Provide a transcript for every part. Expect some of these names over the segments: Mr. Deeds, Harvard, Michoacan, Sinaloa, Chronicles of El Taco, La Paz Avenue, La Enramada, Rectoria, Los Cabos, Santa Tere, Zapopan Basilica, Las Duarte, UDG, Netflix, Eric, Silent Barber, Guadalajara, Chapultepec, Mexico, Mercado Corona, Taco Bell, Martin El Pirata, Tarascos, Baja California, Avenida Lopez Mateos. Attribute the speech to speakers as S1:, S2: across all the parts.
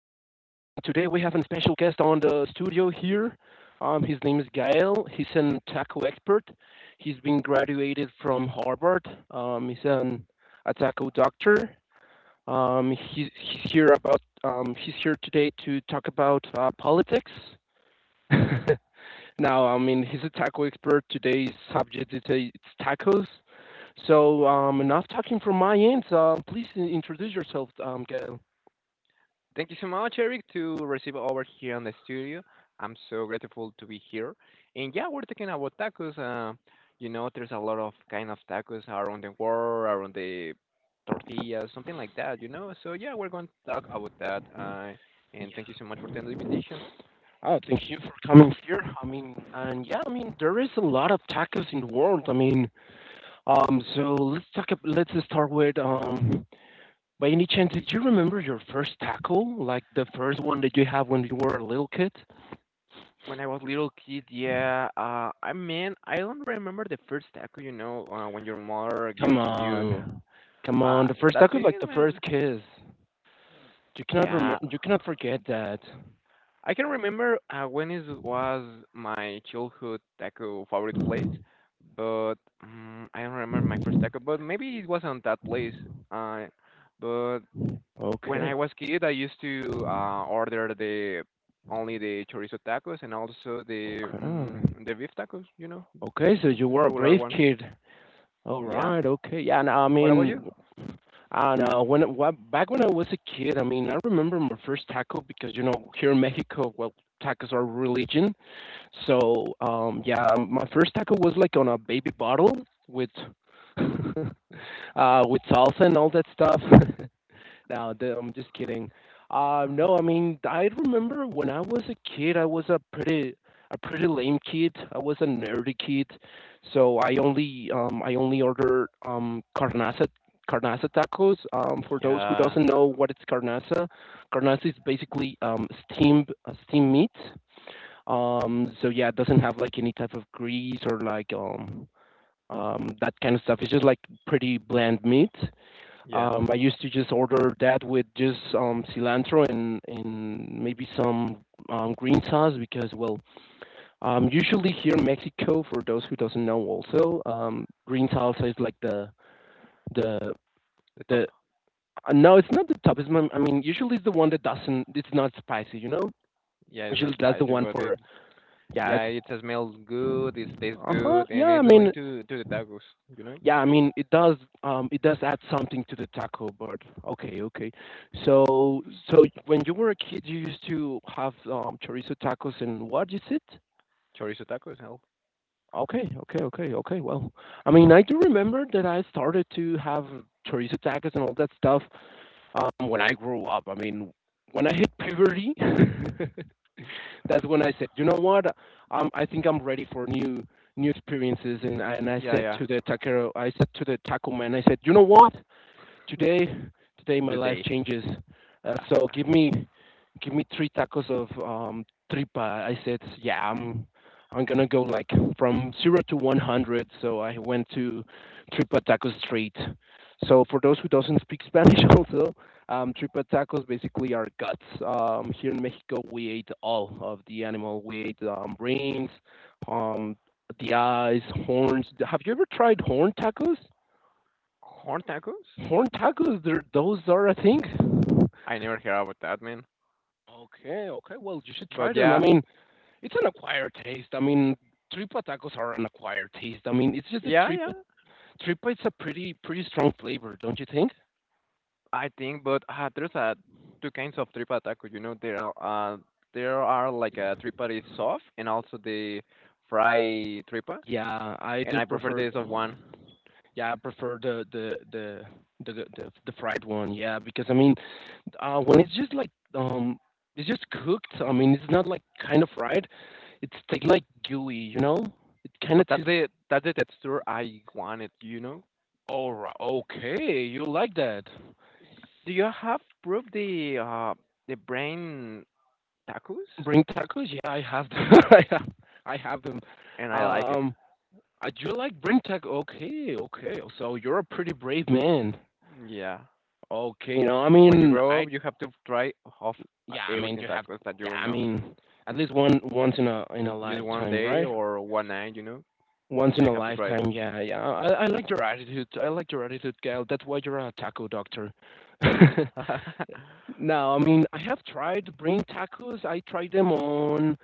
S1: today we have a special guest on the studio here. His name is Gael. He's an taco expert. He's been graduated from Harvard. He's an a taco doctor. He's here about. He's here today to talk about politics. now, I mean, he's a taco expert. Today's subject is it's tacos. So, enough talking from my end. Please introduce yourself, Gail.
S2: Thank you so much, Eric, to receive over here in the studio. I'm so grateful to be here. And yeah, we're talking about tacos. You know, there's a lot of kind of tacos around the world, around the tortillas, something like that. You know, so yeah, we're going to talk about that. And thank you
S1: Yeah.
S2: so much for the invitation.
S1: Oh, thank you for coming here. I mean, and yeah, I mean, there is a lot of tacos in the world. I mean, so let's talk. Let's start with By any chance, did you remember your first taco? Like the first one that you have when you were a little kid?
S2: When I was little kid, yeah, I mean, I don't remember the first taco. You know, when your mother gave
S1: Come
S2: it to you.
S1: on, come
S2: Uh,
S1: on. The first
S2: that's
S1: taco, is like
S2: it,
S1: the
S2: man.
S1: first kiss. You cannot remember.
S2: Yeah.
S1: You cannot forget that.
S2: I can remember when is was my childhood taco favorite place, but I don't remember my first taco. But maybe it wasn't that place. Uh, but when
S1: Okay,
S2: I was kid, I used to order the only the chorizo tacos and also the
S1: okay,
S2: um, the beef tacos. You know,
S1: okay. So you were a
S2: regular
S1: brave
S2: ones.
S1: kid. All
S2: Yeah.
S1: right. Okay. Yeah. And I
S2: What about you?
S1: mean, I know when back when I was a kid, I mean, I remember my first taco because you know here in Mexico, well, tacos are religion. So yeah, my first taco was like on a baby bottle with uh, with salsa and all that stuff. No, I'm just kidding. No, I mean, I remember when I was a kid, I was a pretty lame kid. I was a nerdy kid, so I only ordered carnaza tacos. For those who
S2: Yeah.
S1: doesn't know what it's carnaza, carnaza is basically steamed meat. So yeah, it doesn't have like any type of grease or like that kind of stuff. It's just like pretty bland meat.
S2: Yeah.
S1: I used to just order that with just cilantro and maybe some green sauce because, well, usually here in Mexico, for those who doesn't know, also green salsa is like the
S2: The
S1: the
S2: top.
S1: no, it's not the top. I mean, usually it's the one that doesn't. It's not spicy, you know.
S2: Yeah, it's not
S1: Usually that's the
S2: spicy,
S1: one
S2: but it,
S1: for yeah.
S2: yeah,
S1: It's
S2: it smells good. It tastes
S1: uh huh.
S2: good, and
S1: Yeah, I
S2: it's
S1: mean.
S2: going to the tacos. You know.
S1: Yeah, I mean, it does add something to the taco, but okay, okay. So, so, when you were a kid, you used to have chorizo tacos and what is it?
S2: Chorizo tacos? Hell.
S1: Okay, okay, okay, okay. Well, I mean, I do remember that I started to have chorizo tacos and all that stuff when I grew up. I mean, when I hit puberty, that's when I said, you know what? I think I'm ready for new experiences. And I
S2: Yeah,
S1: said
S2: yeah.
S1: to the taquero, I said to the taco man, I said, you know what? today today
S2: In
S1: my
S2: the
S1: life
S2: day.
S1: changes. Uh, so give me give me three tacos of tripa. I said, yeah, I'm gonna go like from 0 to 100. So I went to tripa tacos straight. So for those who doesn't speak Spanish, also tripa tacos basically are guts. Here in Mexico, we ate all of the animal. We ate brains, um, the eyes, horns. Have you ever tried horn tacos?
S2: Corn tacos?
S1: Horn tacos, they're those are a thing?
S2: I never heard about that, man.
S1: Okay, okay. Well, you should try
S2: But
S1: them. I
S2: yeah,
S1: mean, it's an acquired taste. I mean, tripa tacos are an acquired taste. I mean, it's just that
S2: yeah, yeah.
S1: tripa is a pretty strong flavor, don't you think?
S2: I think, but there's two kinds of tripa taco. You know, there are like a tripa is soft and also the fry tripa,
S1: Yeah, I
S2: and
S1: do
S2: I prefer
S1: prefer.
S2: the soft one.
S1: Yeah, I prefer the fried one. Yeah, because I mean, when it's just like it's just cooked. I mean, it's not like kind of fried. It's like gooey, you know. It kind of
S2: But that's
S1: tastes.
S2: the that's the texture I wanted. You know.
S1: All right. Okay, you like that?
S2: Do you have proved the brain tacos?
S1: Bring tacos? Yeah, I have them. I have them.
S2: And I like it.
S1: Um, I do like bring tacos. Okay, okay. So you're a pretty brave man.
S2: Yeah.
S1: Okay, you know, I
S2: When you
S1: mean,
S2: grow
S1: I
S2: up, you have to try off
S1: yeah, I mean,
S2: everything
S1: you have
S2: tacos that
S1: yeah,
S2: you
S1: I
S2: know.
S1: mean, at least one once in a
S2: Just one
S1: lifetime,
S2: day
S1: right?
S2: or one night, you know,
S1: Once
S2: but
S1: in
S2: you
S1: a
S2: have to try it.
S1: lifetime. Yeah, yeah. I like your attitude. I like your attitude, Gail. That's why you're a taco doctor. no, I mean, I have tried brain tacos. I tried them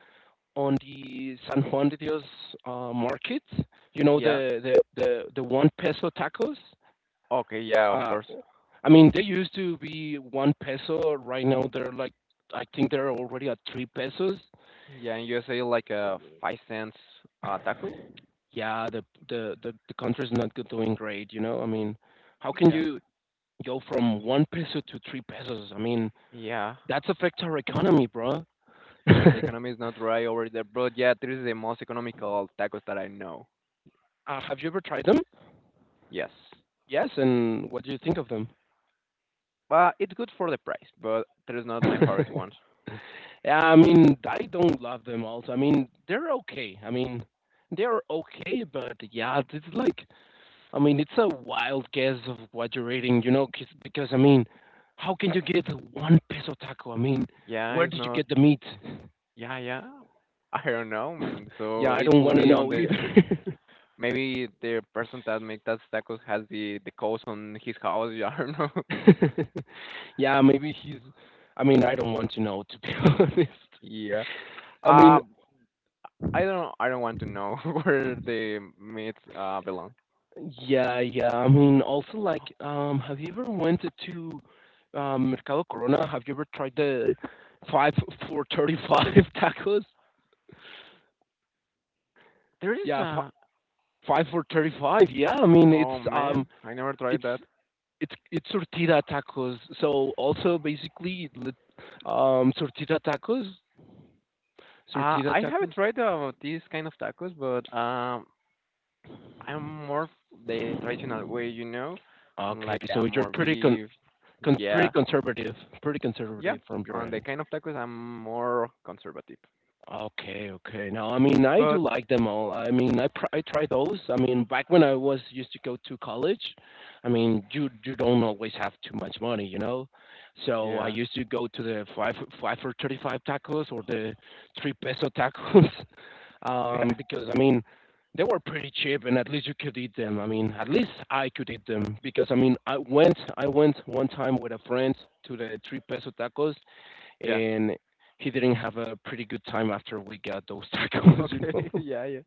S1: on the San Juan de Dios market. You know
S2: Yeah.
S1: the one peso tacos.
S2: Okay. Yeah. Of
S1: Uh,
S2: course.
S1: I mean they used to be one peso. Right now they're like I think they're already at three pesos.
S2: Yeah. In USA, like a 5 cents taco.
S1: Yeah, the country's not doing great. You know, I mean, how can
S2: Yeah.
S1: you go from one peso to three pesos? I mean,
S2: Yeah.
S1: that affects our economy, bro. uh,
S2: The economy is not right over there, but yeah, this is the most economical tacos that I know.
S1: have you ever tried them?
S2: Yes.
S1: Yes, and what do you think of them?
S2: But it's good for the price, but there is not my favorite ones.
S1: Yeah, I mean, I don't love them also. I mean, they're okay. I mean, they're okay, but yeah, it's like, I mean, it's a wild guess of what you're eating, you know, because, I mean, how can you get a one peso taco? I mean,
S2: Yeah,
S1: where
S2: it's
S1: did you
S2: not.
S1: get the meat?
S2: Yeah, yeah. I don't know, man. So
S1: yeah, I
S2: it
S1: don't
S2: could
S1: want to
S2: be on
S1: know
S2: the.
S1: either.
S2: Maybe the person that make that tacos has the coast on his house. I don't know.
S1: yeah, I mean, I don't want to know, to be honest.
S2: Yeah.
S1: I mean,
S2: Um. I don't. I don't want to know where the meats belong.
S1: yeah, yeah. I mean, also like, have you ever went to Mercado Corona? Have you ever tried the five for 35 tacos?
S2: There is
S1: Yeah,
S2: a.
S1: five for 35. Yeah, I mean,
S2: Oh
S1: it's
S2: man, I never tried
S1: it's
S2: that.
S1: it's tortilla tacos. So also basically, um, tortilla tacos, tortilla
S2: I have
S1: tacos.
S2: tried these kind of tacos, but I'm more the traditional way, you know,
S1: Okay,
S2: like
S1: so you're
S2: more beef.
S1: con pretty
S2: Yeah,
S1: conservative, pretty
S2: yeah.
S1: conservative from your
S2: On the
S1: end.
S2: kind of tacos, I'm more conservative.
S1: Okay, okay. Now, I mean, I do
S2: But
S1: like them all. I mean, I try those. I mean, back when I was used to go to college, I mean, you don't always have too much money, you know. So I
S2: yeah,
S1: used to go to the five five for 35 tacos or the three peso tacos,
S2: yeah,
S1: because I mean, they were pretty cheap and at least you could eat them. I mean, at least I could eat them because I mean, I went one time with a friend to the three peso tacos
S2: yeah.
S1: and he didn't have a pretty good time after we got those tacos, you
S2: Okay,
S1: know.
S2: yeah, yeah.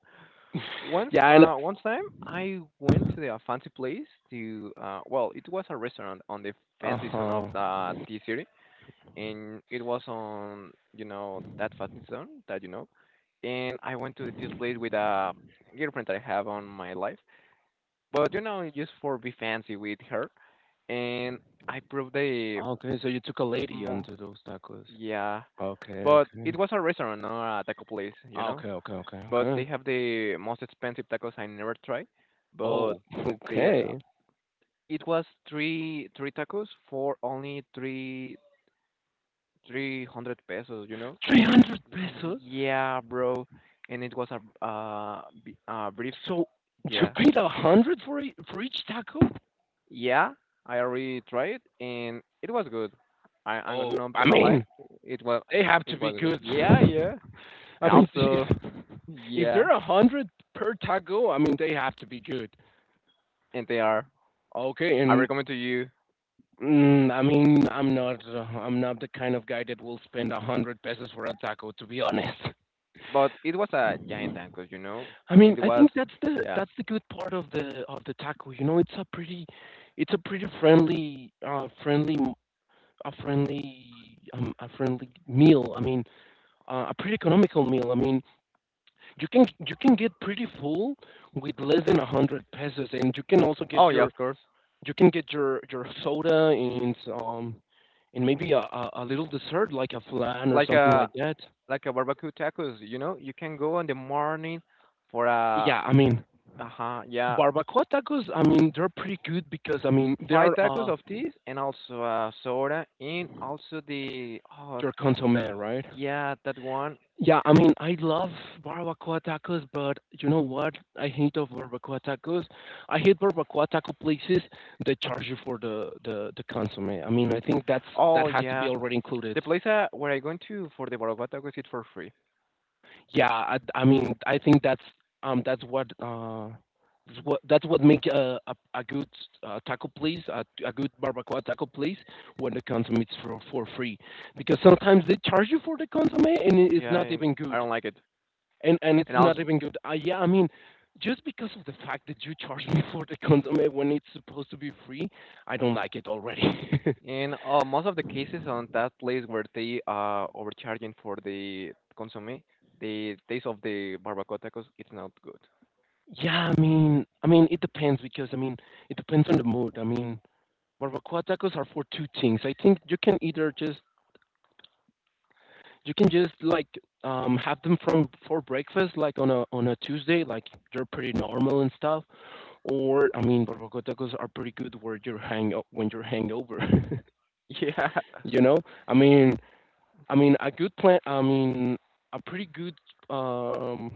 S2: Once,
S1: yeah, and
S2: uh, once time I went to a fancy place to, well, it was a restaurant on the
S1: uh
S2: fancy zone of
S1: huh.
S2: the T city, and it was on, you know, that fancy zone that you know. And I went to this place with a girlfriend that I have on my life, but you know, just for be fancy with her, and I proved the,
S1: Okay, so you took a lady
S2: mo-
S1: onto those tacos.
S2: yeah,
S1: Okay,
S2: but
S1: okay,
S2: it was a restaurant, not a taco place, you know.
S1: okay, okay, okay,
S2: But they
S1: okay.
S2: have the most expensive tacos I never tried. But
S1: Oh,
S2: they,
S1: okay.
S2: it was three three tacos for only three three hundred pesos. You know,
S1: 300
S2: 300,
S1: pesos.
S2: yeah, bro. And it was a a brief,
S1: So you
S2: yes.
S1: paid a hundred for for each taco.
S2: Yeah, I already tried and it was good. I'm
S1: Oh,
S2: not
S1: I
S2: gonna lie,
S1: mean,
S2: it was
S1: they have to
S2: it
S1: be
S2: was good.
S1: good.
S2: Yeah, yeah.
S1: I
S2: And
S1: mean,
S2: also,
S1: if
S2: yeah,
S1: they're a hundred per taco, I mean they have to be good.
S2: and they are.
S1: Okay,
S2: I
S1: and.
S2: recommend to you.
S1: Mm, I mean, I'm not the kind of guy that will spend a hundred pesos for a taco, to be honest.
S2: But it was a giant tacos, you know,
S1: I mean,
S2: and it
S1: I
S2: was,
S1: think
S2: yeah.
S1: that's the good part of the taco. You know, it's a it's a pretty friendly, a friendly, a friendly meal. I mean, a pretty economical meal. I mean, you can get pretty full with less than a hundred pesos, and you can also
S2: Oh
S1: get
S2: yeah, of course.
S1: you can get your soda um and maybe a little dessert like a flan or
S2: Like
S1: something
S2: a
S1: like that.
S2: like a barbecue tacos, you know. You can go in the morning for a
S1: Yeah, I mean
S2: uh-huh, yeah,
S1: barbacoa tacos. I mean they're pretty good because I mean they
S2: five
S1: are
S2: tacos of this and also a soda and also the. Oh
S1: your consommé, right?
S2: yeah, that one.
S1: Yeah, I mean I love barbacoa tacos, but you know what? I hate of barbacoa tacos. I hate barbacoa taco places that charge you for the consommé. I mean I think that's that
S2: Oh
S1: has to be
S2: yeah,
S1: already included.
S2: the place where I going to for the barbecue tacos is for free.
S1: Yeah, I mean, I think um that's what uh that's what make a good taco place a good barbacoa taco place when the consomme is for free because sometimes they charge you for the consomme and it's
S2: Yeah,
S1: not
S2: and
S1: even
S2: I
S1: good
S2: don't like it.
S1: and
S2: And
S1: it's
S2: also.
S1: not even good. Yeah, I mean. Just because of the fact that you charge me for the consomme when it's supposed to be free, I don't like it already.
S2: In most of the cases on that place where they are overcharging for the consomme, the taste of the barbacoa tacos, it's not good.
S1: yeah, I mean, it depends because I mean, it depends on the mood. I mean, barbacoa tacos are for two things. I think you can just like have them from for breakfast, like on a Tuesday, like they're pretty normal and stuff. Or I mean, barbacoa tacos are pretty good where you're hang when you're hangover.
S2: Yeah,
S1: you know, I mean, I mean, a good plan. I mean, a pretty good um,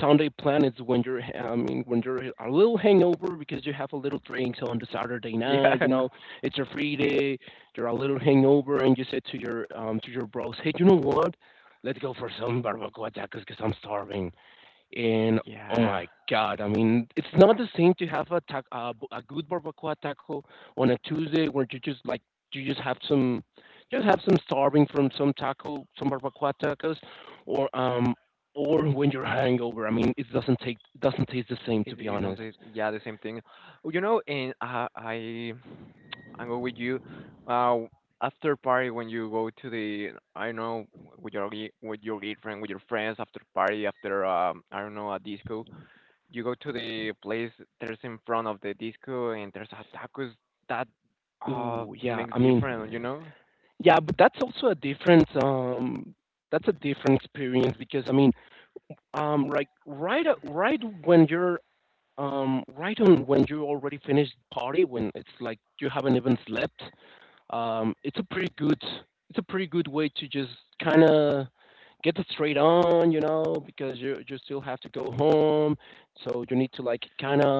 S1: Sunday plan is when I mean, when you're a little hangover because you have a little drinks on the Saturday
S2: yeah,
S1: night. You know, it's your free day. You're a little hangover, and you say to your bros, "Hey, you know what? Let's go for some barbacoa tacos because I'm starving." And oh
S2: yeah.
S1: my God, I mean, it's not the same to have a a good barbacoa taco on a Tuesday where you just like you just have some starving from some taco, some barbacoa tacos, or um or when you're hangover. I mean, it doesn't taste the same to
S2: It's,
S1: be
S2: it's on
S1: honest.
S2: the, yeah, the same thing. Oh, you know, and I go with you. Uh, after party when you go to the, I don't know, with your with your girlfriend, with your friends, after party, after I don't know, a disco, you go to the place, there's in front of the disco, and there's a tacos that
S1: Ooh, yeah.
S2: makes
S1: I mean,
S2: different, you know.
S1: yeah, but that's also a different that's a different experience because I mean, like right when you're right on when you already finished the party, when it's like you haven't even slept, it's a it's a pretty good way to just kind of get it straight on, you know, because you still have to go home, so you need to like kind of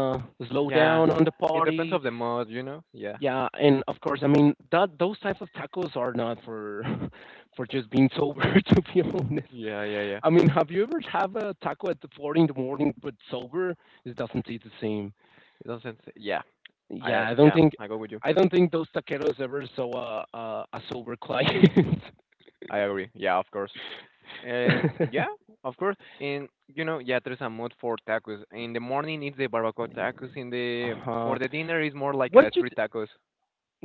S1: slow down
S2: Yeah,
S1: on the
S2: it
S1: party.
S2: depends of the mood, you know. Yeah,
S1: Yeah, and of course, I mean that those types of tacos are not for for just being sober, to be honest.
S2: yeah, yeah, yeah.
S1: I mean, have you ever have a taco at the four in the morning but sober? It doesn't taste the same.
S2: It doesn't s-, yeah. I,
S1: Yeah,
S2: yeah, I go with you.
S1: I don't think those taqueros ever saw a sober client.
S2: I agree, yeah, of course. Yeah, of course. And you know, yeah, there's a mood for tacos in the morning, it's the barbacoa tacos in the.
S1: Uh-huh.
S2: For the dinner is more like a
S1: What you
S2: street
S1: th-
S2: tacos.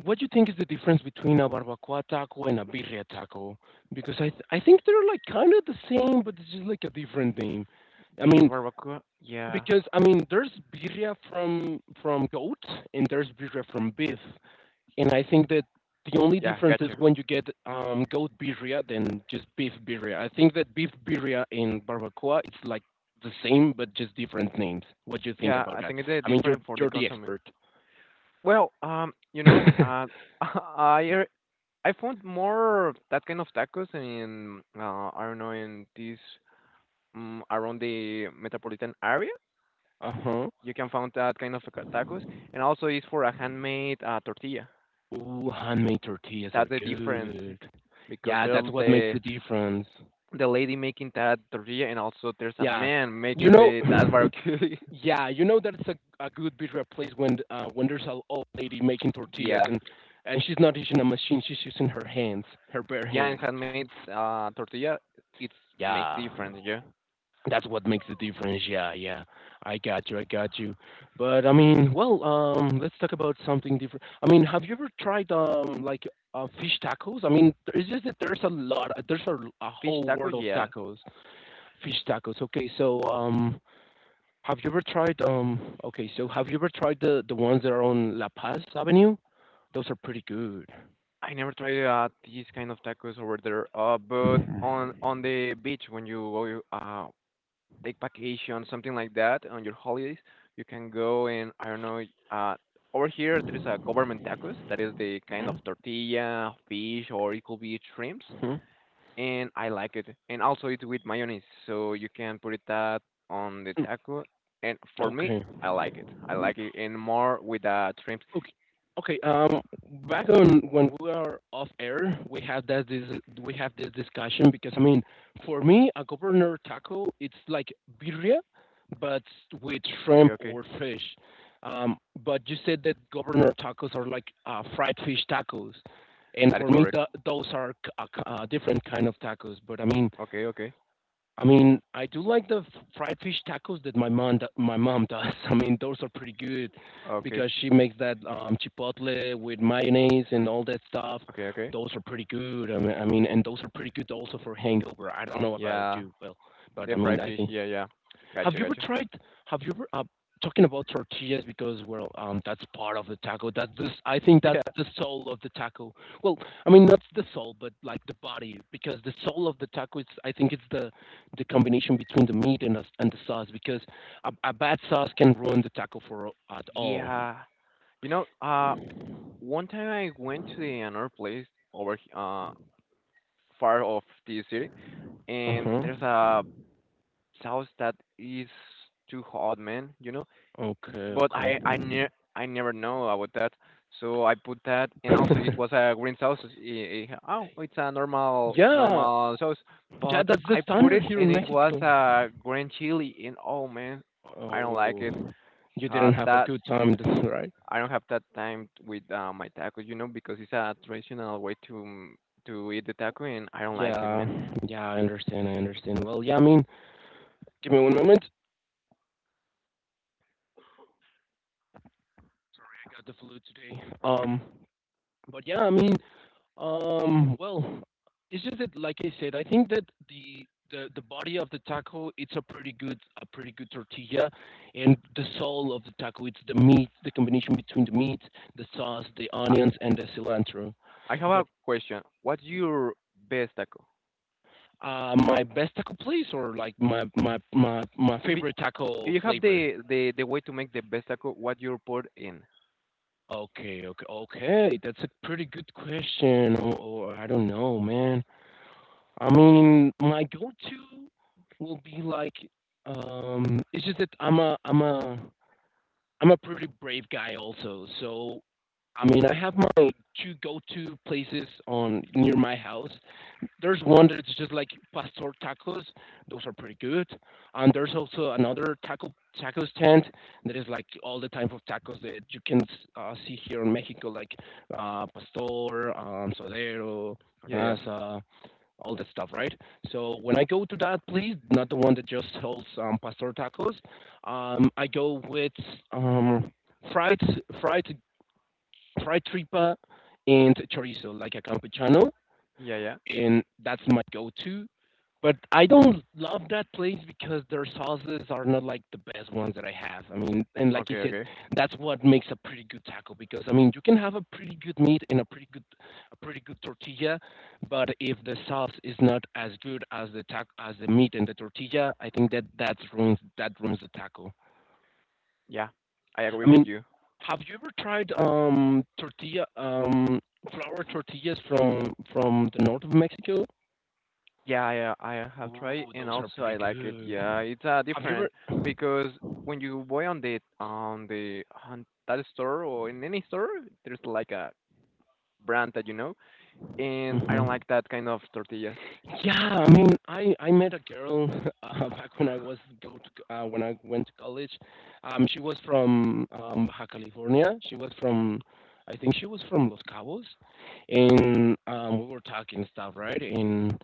S1: what you think is the difference between a barbacoa taco and a birria taco? Because I think they're like kind of the same, but it's just like a different name. I
S2: The
S1: mean,
S2: barbacoa, yeah.
S1: because I mean, there's birria from goat and there's birria from beef. And I think that the only
S2: Yeah,
S1: difference is
S2: gotcha.
S1: when you get goat birria than just beef birria. I think that beef birria and barbacoa it's like the same but just different names. What do you think
S2: Yeah,
S1: about
S2: I
S1: that?
S2: think it's
S1: I mean, you're
S2: different for the
S1: you're the
S2: consomme.
S1: expert.
S2: Well, you
S1: Uh
S2: know, I er- I found more of that kind of tacos in I don't know in this, around the metropolitan area.
S1: huh.
S2: You can find that kind of tacos, and also it's for a handmade tortilla.
S1: Ooh, handmade tortillas
S2: That's
S1: are
S2: the difference
S1: good.
S2: because
S1: Yeah,
S2: there's
S1: that's what makes
S2: the
S1: the difference.
S2: the lady making that tortilla, and also there's a
S1: Yeah,
S2: man
S1: you
S2: making
S1: know.
S2: the that barbecue.
S1: Yeah, you know that's a good pizza place when there's an old lady making tortillas
S2: Yeah,
S1: and she's not using a machine, she's using her hands, her bare
S2: yeah, and
S1: hands.
S2: handmade tortilla, it makes
S1: Yeah,
S2: difference. Yeah,
S1: that's what makes the difference. Yeah, yeah, I got you, I got you. But I mean, well, let's talk about something different. I mean, have you ever tried like fish tacos? I mean, it's just that there's a lot, there's a
S2: fish
S1: whole
S2: tacos,
S1: world of
S2: yeah.
S1: tacos, fish tacos. Okay, so Have you ever tried okay, so have you ever tried the ones that are on La Paz Avenue? Those are pretty good.
S2: I never tried these kind of tacos over there. But on the beach when you uh take vacation, something like that, on your holidays, you can go and I don't know. Uh, over here there is a government tacos. That is the kind of
S1: Mhm,
S2: tortilla, fish, or it could be shrimps,
S1: mhm.
S2: and I like it. And also it with mayonnaise, so you can put it that on the
S1: Mm.
S2: taco. And for me,
S1: Okay.
S2: I like it. I like it, and more with shrimps.
S1: Okay. Okay. Back on when we are off air, we have this discussion because I mean, for me, a governor taco it's like birria, but with
S2: Okay,
S1: shrimp
S2: okay,
S1: or fish. Um, but you said that governor tacos are like fried fish tacos, and
S2: that is
S1: for me,
S2: correct.
S1: those are different kind of tacos. But I mean,
S2: Okay, okay,
S1: I mean, I do like the fried fish tacos that my mom does. I mean, those are pretty good
S2: okay.
S1: because she makes that chipotle with mayonnaise and all that stuff.
S2: Okay, okay.
S1: Those are pretty good. I mean, and those are pretty good also for hangover. I don't know about
S2: Yeah,
S1: you, well, but I
S2: the
S1: mean,
S2: fried
S1: I
S2: fish.
S1: think
S2: Yeah, yeah.
S1: have
S2: Gotcha,
S1: you ever
S2: gotcha.
S1: tried? Have you ever? Talking about tortillas because well, that's part of the taco. I think
S2: Yeah,
S1: that's the soul of the taco. Well, I mean not the soul, but like the body, because the soul of the taco is I think it's the combination between the meat and and the sauce. Because a bad sauce can ruin the taco for at all.
S2: yeah. You know, one time I went to the, another place over far off the city,
S1: Uh
S2: and
S1: huh.
S2: there's a sauce that is too hot, man. You know.
S1: Okay.
S2: But
S1: Okay.
S2: I I never know about that. So I put that, and also it was a green sauce. Oh, it's a normal
S1: Yeah.
S2: normal sauce,
S1: Yeah.
S2: but
S1: That's the
S2: I put
S1: standard
S2: it,
S1: here
S2: and
S1: in
S2: it was
S1: Mexico.
S2: a green chili, and oh man, I don't like it.
S1: Oh, you
S2: Uh,
S1: didn't have a
S2: that
S1: good time, right?
S2: I don't have that time with my taco, you know, because it's a traditional way to to eat the taco, and I don't like it,
S1: Yeah,
S2: man.
S1: yeah, I understand. I understand. Well, yeah, I mean, give me one moment. Sorry, I got the flu today. But yeah, I mean, well, it's just that, like I said, I think that the body of the taco, it's a pretty good tortilla, and the soul of the taco, it's the meat, the combination between the meat, the sauce, the
S2: I,
S1: onions, and the cilantro.
S2: I have a
S1: But
S2: question. What's your best taco?
S1: my best taco place, or like my
S2: If
S1: favorite
S2: if
S1: taco
S2: you have
S1: flavor.
S2: the way to make the best taco, what you put in?
S1: Okay, okay, okay. That's a pretty good question, or I don't know, man. I mean, my go-to will be like, it's just that I'm a pretty brave guy also. So I mean, I have my two go-to places on near my house. There's one that's just like pastor tacos. Those are pretty good. And there's also another tacos tent that is like all the type of tacos that you can see here in Mexico, like pastor, sodero,
S2: Yeah, yeah,
S1: carnaza, all that stuff, right? So when I go to that, please, not the one that just sells pastor tacos, I go with um, fried fried fried tripa and chorizo, like a campechano,
S2: yeah, yeah.
S1: and that's my go-to. But I don't love that place because their sauces are not like the best ones that I have. I mean, and like you
S2: Okay,
S1: said,
S2: okay.
S1: that's what makes a pretty good taco because I mean, you can have a pretty good meat and a pretty good tortilla, but if the sauce is not as good as the meat and the tortilla, I think that that ruins the taco.
S2: Yeah, I agree
S1: I
S2: with
S1: mean,
S2: you.
S1: have you ever tried tortilla flour tortillas from the north of Mexico?
S2: Yeah, I have tried
S1: Ooh,
S2: and
S1: those are
S2: also
S1: pretty
S2: I like it.
S1: good.
S2: Yeah, it's
S1: Have you
S2: different
S1: ever
S2: because when you buy on the, on that store or in any store, there's like a brand that you know, and I don't
S1: Mhm.
S2: like that kind of tortillas.
S1: Yeah, I mean, I met a girl back when I was when I went to college. She was from Baja California. She was from, I think she was from Los Cabos, and we were talking stuff, right? And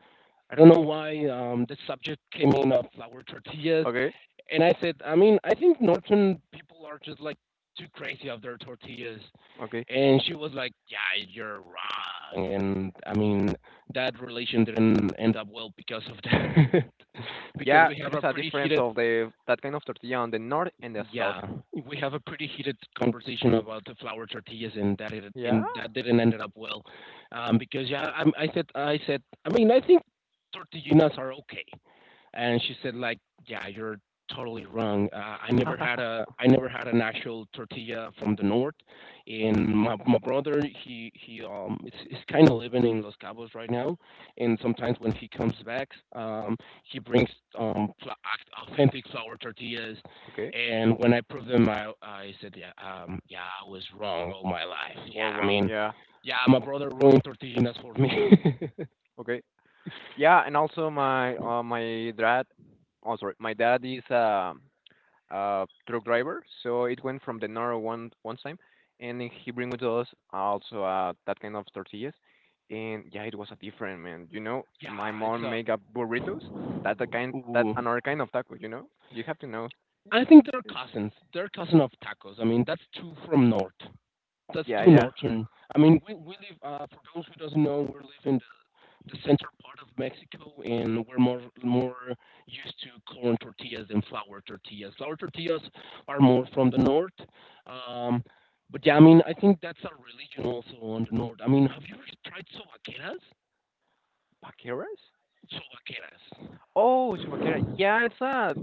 S1: I don't know why the subject came in of flour tortillas,
S2: Okay,
S1: and I said, I mean, I think northern people are just like too crazy of their tortillas
S2: okay.
S1: and she was like, "Yeah, you're wrong." And I mean, that relation didn't end up well because of that, because
S2: Yeah,
S1: we have
S2: there's
S1: a
S2: a
S1: pretty
S2: difference
S1: heated,
S2: of the that kind of tortilla on the north and the south.
S1: yeah, we have a pretty heated conversation about the flour tortillas,
S2: Yeah.
S1: and that didn't end up well, because yeah, I said, I mean, I think tortillinas are okay and she said like yeah you're totally wrong I never had an actual tortilla from the north and my brother he is kind of living in Los Cabos right now and sometimes when he comes back um he brings authentic flour tortillas
S2: Okay,
S1: and when I proved them I said yeah yeah I was wrong all my life
S2: you
S1: yeah
S2: are
S1: I
S2: wrong.
S1: mean
S2: Yeah.
S1: yeah my brother ruined tortillas for me.
S2: Okay. Yeah, and also my dad, oh sorry, my dad is a truck driver, so it went from the north one time, and he bring with us also that kind of tortillas, and yeah, it was a different man. You know, my
S1: Yeah, it's
S2: mom
S1: a
S2: make up burritos. That's the kind. That's
S1: ooh
S2: another kind of taco. You know, you have to know.
S1: I think they're cousins. They're cousin of tacos. I mean, that's two from north. That's
S2: Yeah,
S1: two
S2: yeah.
S1: northern. I mean, we live. For those who doesn't know, we live in the center part of Mexico, and we're more used to corn tortillas than flour tortillas. Flour tortillas are more from the north. Um, but yeah, I mean, I think that's a religion also on the north. I mean, have you ever tried sobaqueras?
S2: Paqueras? Oh, chupaquera.
S1: Sobaqueras.
S2: Yeah, it's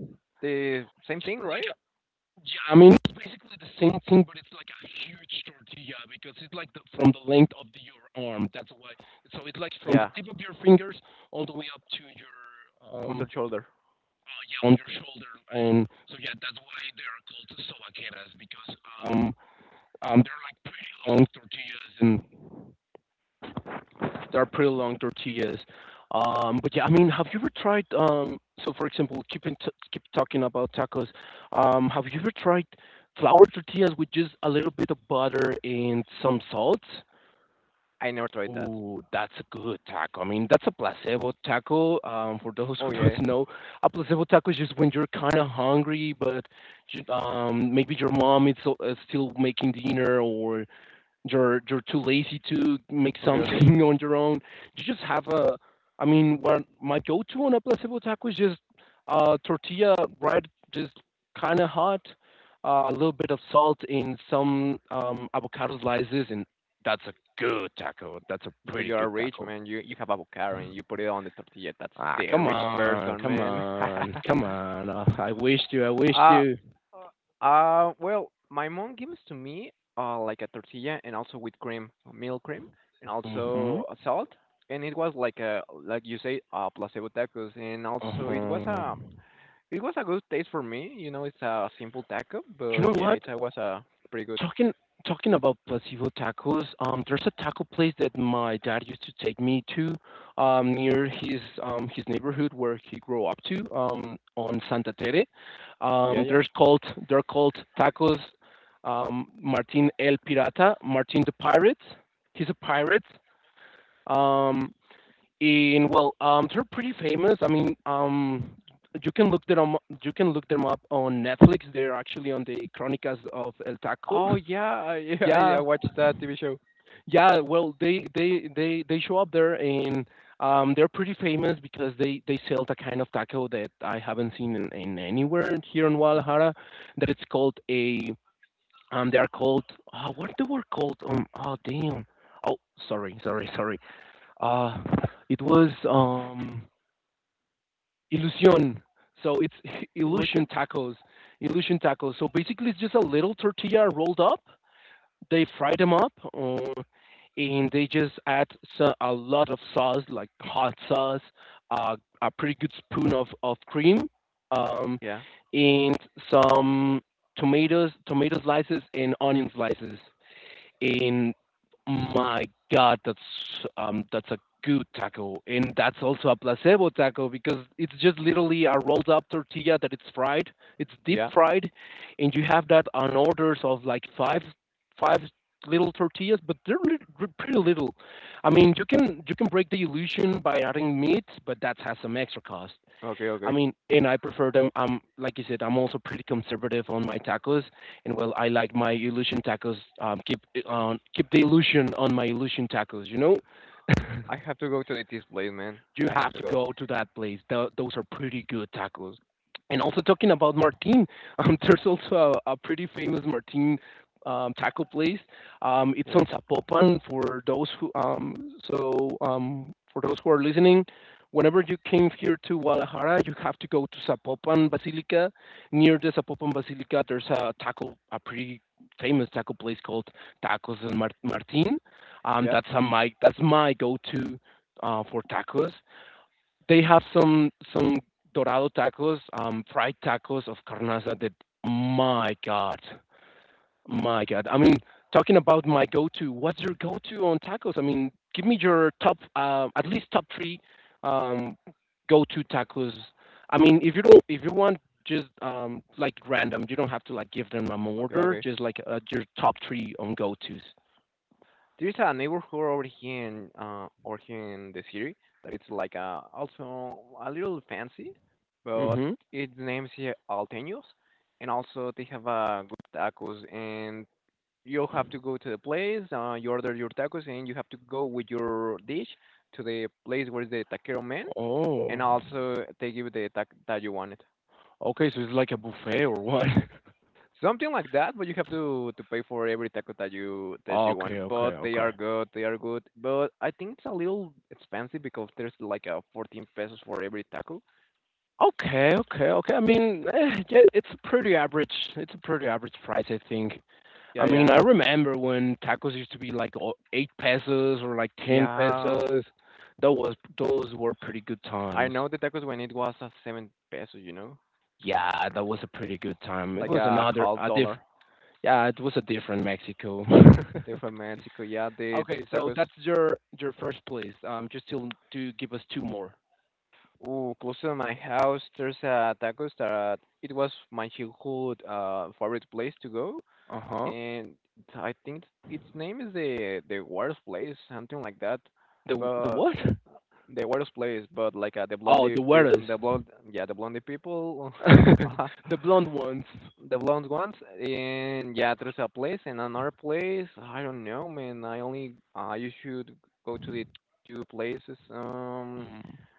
S2: the same
S1: It's
S2: thing, right?
S1: like Yeah, I mean, it's basically the same thing, but it's like a huge tortilla because it's like from the length of your arm. That's why. So it's like from the
S2: Yeah,
S1: tip of your fingers all the way up to your,
S2: on the
S1: um,
S2: shoulder.
S1: yeah, on your shoulder. And so, yeah, that's why they are called sobaqueras because um, they're like pretty long tortillas. And they're pretty long tortillas. But yeah, I mean, have you ever tried? So, for example, keep talking about tacos. Have you ever tried flour tortillas with just a little bit of butter and some salt?
S2: I never tried that.
S1: Ooh, that's a good taco. I mean, that's a placebo taco. For those
S2: Oh
S1: who
S2: yeah.
S1: don't
S2: Yeah.
S1: know, a placebo taco is just when you're kind of hungry, but you, maybe your mom is still making dinner, or you're too lazy to make
S2: Okay, okay.
S1: something on your own. You just have a. I mean, what my go-to on a placebo taco is just tortilla, right? Just kind of hot, a little bit of salt in some avocado slices, and that's a good taco. That's a
S2: Because
S1: pretty
S2: you are
S1: good
S2: rich,
S1: taco.
S2: man. You have avocado and you put it on the tortilla. That's
S1: Ah,
S2: the
S1: come
S2: rich
S1: on,
S2: person,
S1: come
S2: man.
S1: on, come on. Uh, I wish to, I wish
S2: uh
S1: to.
S2: well, my mom gives to me like a tortilla and also with cream, milk cream, and
S1: Mm-hmm.
S2: also salt. And it was like a, you say, placebo tacos, and also it was
S1: Uh-huh.
S2: a it was a good taste for me. You know, it's a simple taco,
S1: You
S2: but
S1: know
S2: yeah,
S1: what?
S2: it was pretty good.
S1: Talking talking about placebo tacos, there's a taco place that my dad used to take me to, near his neighborhood where he grew up to, on Santa Tere.
S2: Yeah, yeah.
S1: There's called They're called tacos, Martin El Pirata, Martin the Pirate. He's a pirate. Um, and well, they're pretty famous. I mean, you can look them you can look them up on Netflix. They're actually on the Chronicles of El Taco.
S2: Oh yeah, I, yeah. I
S1: Yeah,
S2: I watched that TV show.
S1: yeah, well, they show up there, and they're pretty famous because they sell the kind of taco that I haven't seen in anywhere here in Guadalajara. That it's called a, they are called, what they were called, oh damn, oh, sorry, sorry, sorry, uh it was, ilusión, so it's illusion
S2: Illusion.
S1: tacos illusion tacos so basically it's just a little tortilla rolled up. They fry them up, and they just add, so, a lot of sauce, like hot sauce, uh, a pretty good spoon of cream, um,
S2: Yeah,
S1: and some tomato slices and onion slices, and my God, that's a good taco. And that's also a placebo taco, because it's just literally a rolled up tortilla that it's fried, it's deep
S2: yeah.
S1: fried, and you have that on orders of like five little tortillas, but they're pretty little. I mean, you can break the illusion by adding meat, but that has some extra cost.
S2: Okay,
S1: I
S2: okay.
S1: mean, and I prefer them. Like you said, I'm also pretty conservative on my tacos, and well, I like my illusion tacos. Keep the illusion on my illusion tacos. You know.
S2: I have to go to the display, man.
S1: You
S2: I have
S1: have
S2: to
S1: to
S2: go.
S1: go to that place. Those are pretty good tacos. And also talking about Martin, there's also a pretty famous Martin, taco place. It's
S2: Yeah.
S1: on Zapopan, for those who so for those who are listening. Whenever you came here to Guadalajara, you have to go to Zapopan Basilica. Near the Zapopan Basilica, there's a taco, a pretty famous taco place called Tacos and Martin. Um,
S2: Yeah.
S1: that's a my that's my go-to, for tacos. They have some dorado tacos, fried tacos of carnaza, that, my God, my God. I mean, talking about my go-to, what's your go-to on tacos? I mean, give me your top, at least top three, um, go-to tacos. I mean, if you want just, like, random, you don't have to like give them an
S2: Okay.
S1: order.
S2: Okay.
S1: Just, like, your top three on go-tos.
S2: There's a neighborhood over here in the city that it's like also a little fancy, but
S1: Mm-hmm.
S2: its name is here Alteños, and also they have good tacos, and you have to go to the place, you order your tacos and you have to go with your dish to the place where is the taquero man, and
S1: Oh,
S2: also they give you the taco that you wanted.
S1: okay. So it's like a buffet or what?
S2: Something like that, but you have to pay for every taco that you want.
S1: Okay, okay,
S2: But they
S1: okay.
S2: are good, they are good. But I think it's a little expensive because there's like a 14 pesos for every taco.
S1: Okay, okay, okay. I mean, eh, yeah, it's a pretty average. Price, I think. I
S2: Yeah,
S1: mean,
S2: yeah.
S1: I remember when tacos used to be like 8 pesos or like ten
S2: Yeah,
S1: pesos. That was those were pretty good
S2: I
S1: times.
S2: know the tacos when it was a 7 pesos, you know?
S1: Yeah, that was a pretty good time. It
S2: Like
S1: was
S2: a
S1: another,
S2: half
S1: a diff.
S2: dollar.
S1: Yeah, it was a different Mexico.
S2: They're from Mexico. Yeah, the
S1: Okay, so
S2: tacos.
S1: that's your first place. Just to give us two more.
S2: Ooh, close to my house, there's a tacos that it was my childhood favorite place to go
S1: Uh huh.
S2: and I think its name is the worst place, something like that.
S1: The
S2: But
S1: what?
S2: the worst place, but like the
S1: Oh,
S2: blondie,
S1: the weirdos,
S2: the blonde, yeah, the blondie people,
S1: the blonde ones.
S2: the blonde ones, and yeah, there's a place and another place. I don't know, man. I only you should go to the two places.
S1: Mm.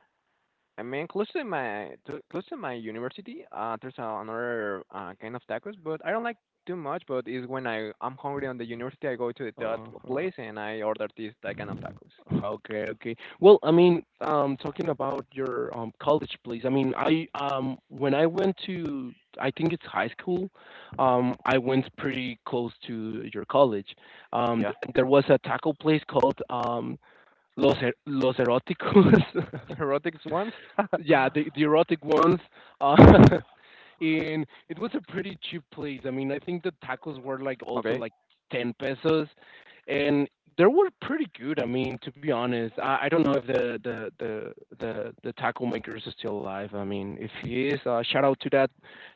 S2: I mean, close to close to my university, there's another kind of tacos, but I don't like too much. But it's when I'm hungry on the university, I go to the that
S1: Uh-huh.
S2: place and I order this that kind of tacos.
S1: Okay, okay. Well, I mean, talking about your college place. I mean, I when I went to, I think it's high school, I went pretty close to your college.
S2: Yeah,
S1: There was a taco place called, Los Los Eroticos.
S2: erotic ones.
S1: Yeah, the erotic ones. Uh, and it was a pretty cheap place. I mean, I think the tacos were like also
S2: Okay,
S1: like 10 pesos, and they were pretty good. I mean, to be honest, I don't know if the taco maker is still alive. I mean, if he is, shout out to that,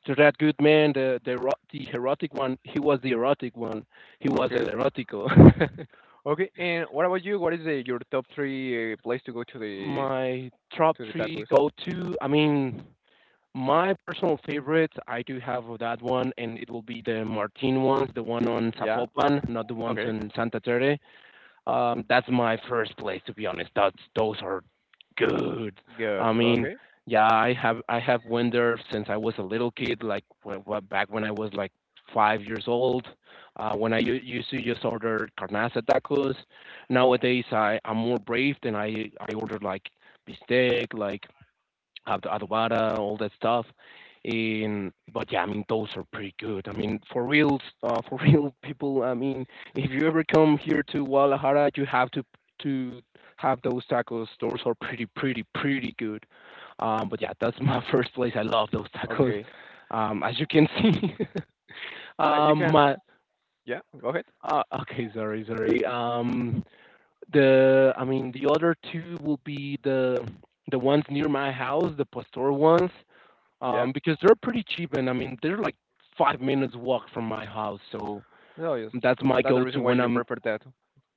S1: good man, the erotic one. He was the erotic one. He was el
S2: okay,
S1: erotico.
S2: okay. And what about you? What is your top three place to go to the
S1: My top
S2: to the
S1: three
S2: tacos?
S1: go to. I mean, my personal favorites, I do have of that one, and it will be the Martin ones, the one on
S2: Yeah.
S1: Zapopan, not the ones
S2: Okay.
S1: on Santa Terre. That's my first place, to be honest. That's those are good.
S2: Good.
S1: I mean,
S2: Okay.
S1: yeah, I have went there since I was a little kid, like, when, back when I was like 5 years old. When I used to just order carnaza tacos. Nowadays, I'm more brave, and I order like bistec, like have the Adobada, all that stuff. In But yeah, I mean, those are pretty good. I mean, for real, for real people. I mean, if you ever come here to Guadalajara, you have to have those tacos. Those are pretty, pretty, pretty good. But yeah, that's my first place. I love those tacos.
S2: Okay.
S1: As you can see,
S2: You can.
S1: my,
S2: Yeah. Go ahead.
S1: okay, sorry, sorry. The I mean the other two will be the ones near my house, the Pastor ones,
S2: Yeah.
S1: because they're pretty cheap, and I mean they're like 5 minutes walk from my house. So
S2: So yes,
S1: that's my
S2: that's the
S1: go-to
S2: reason why
S1: when
S2: you
S1: I'm,
S2: prefer that.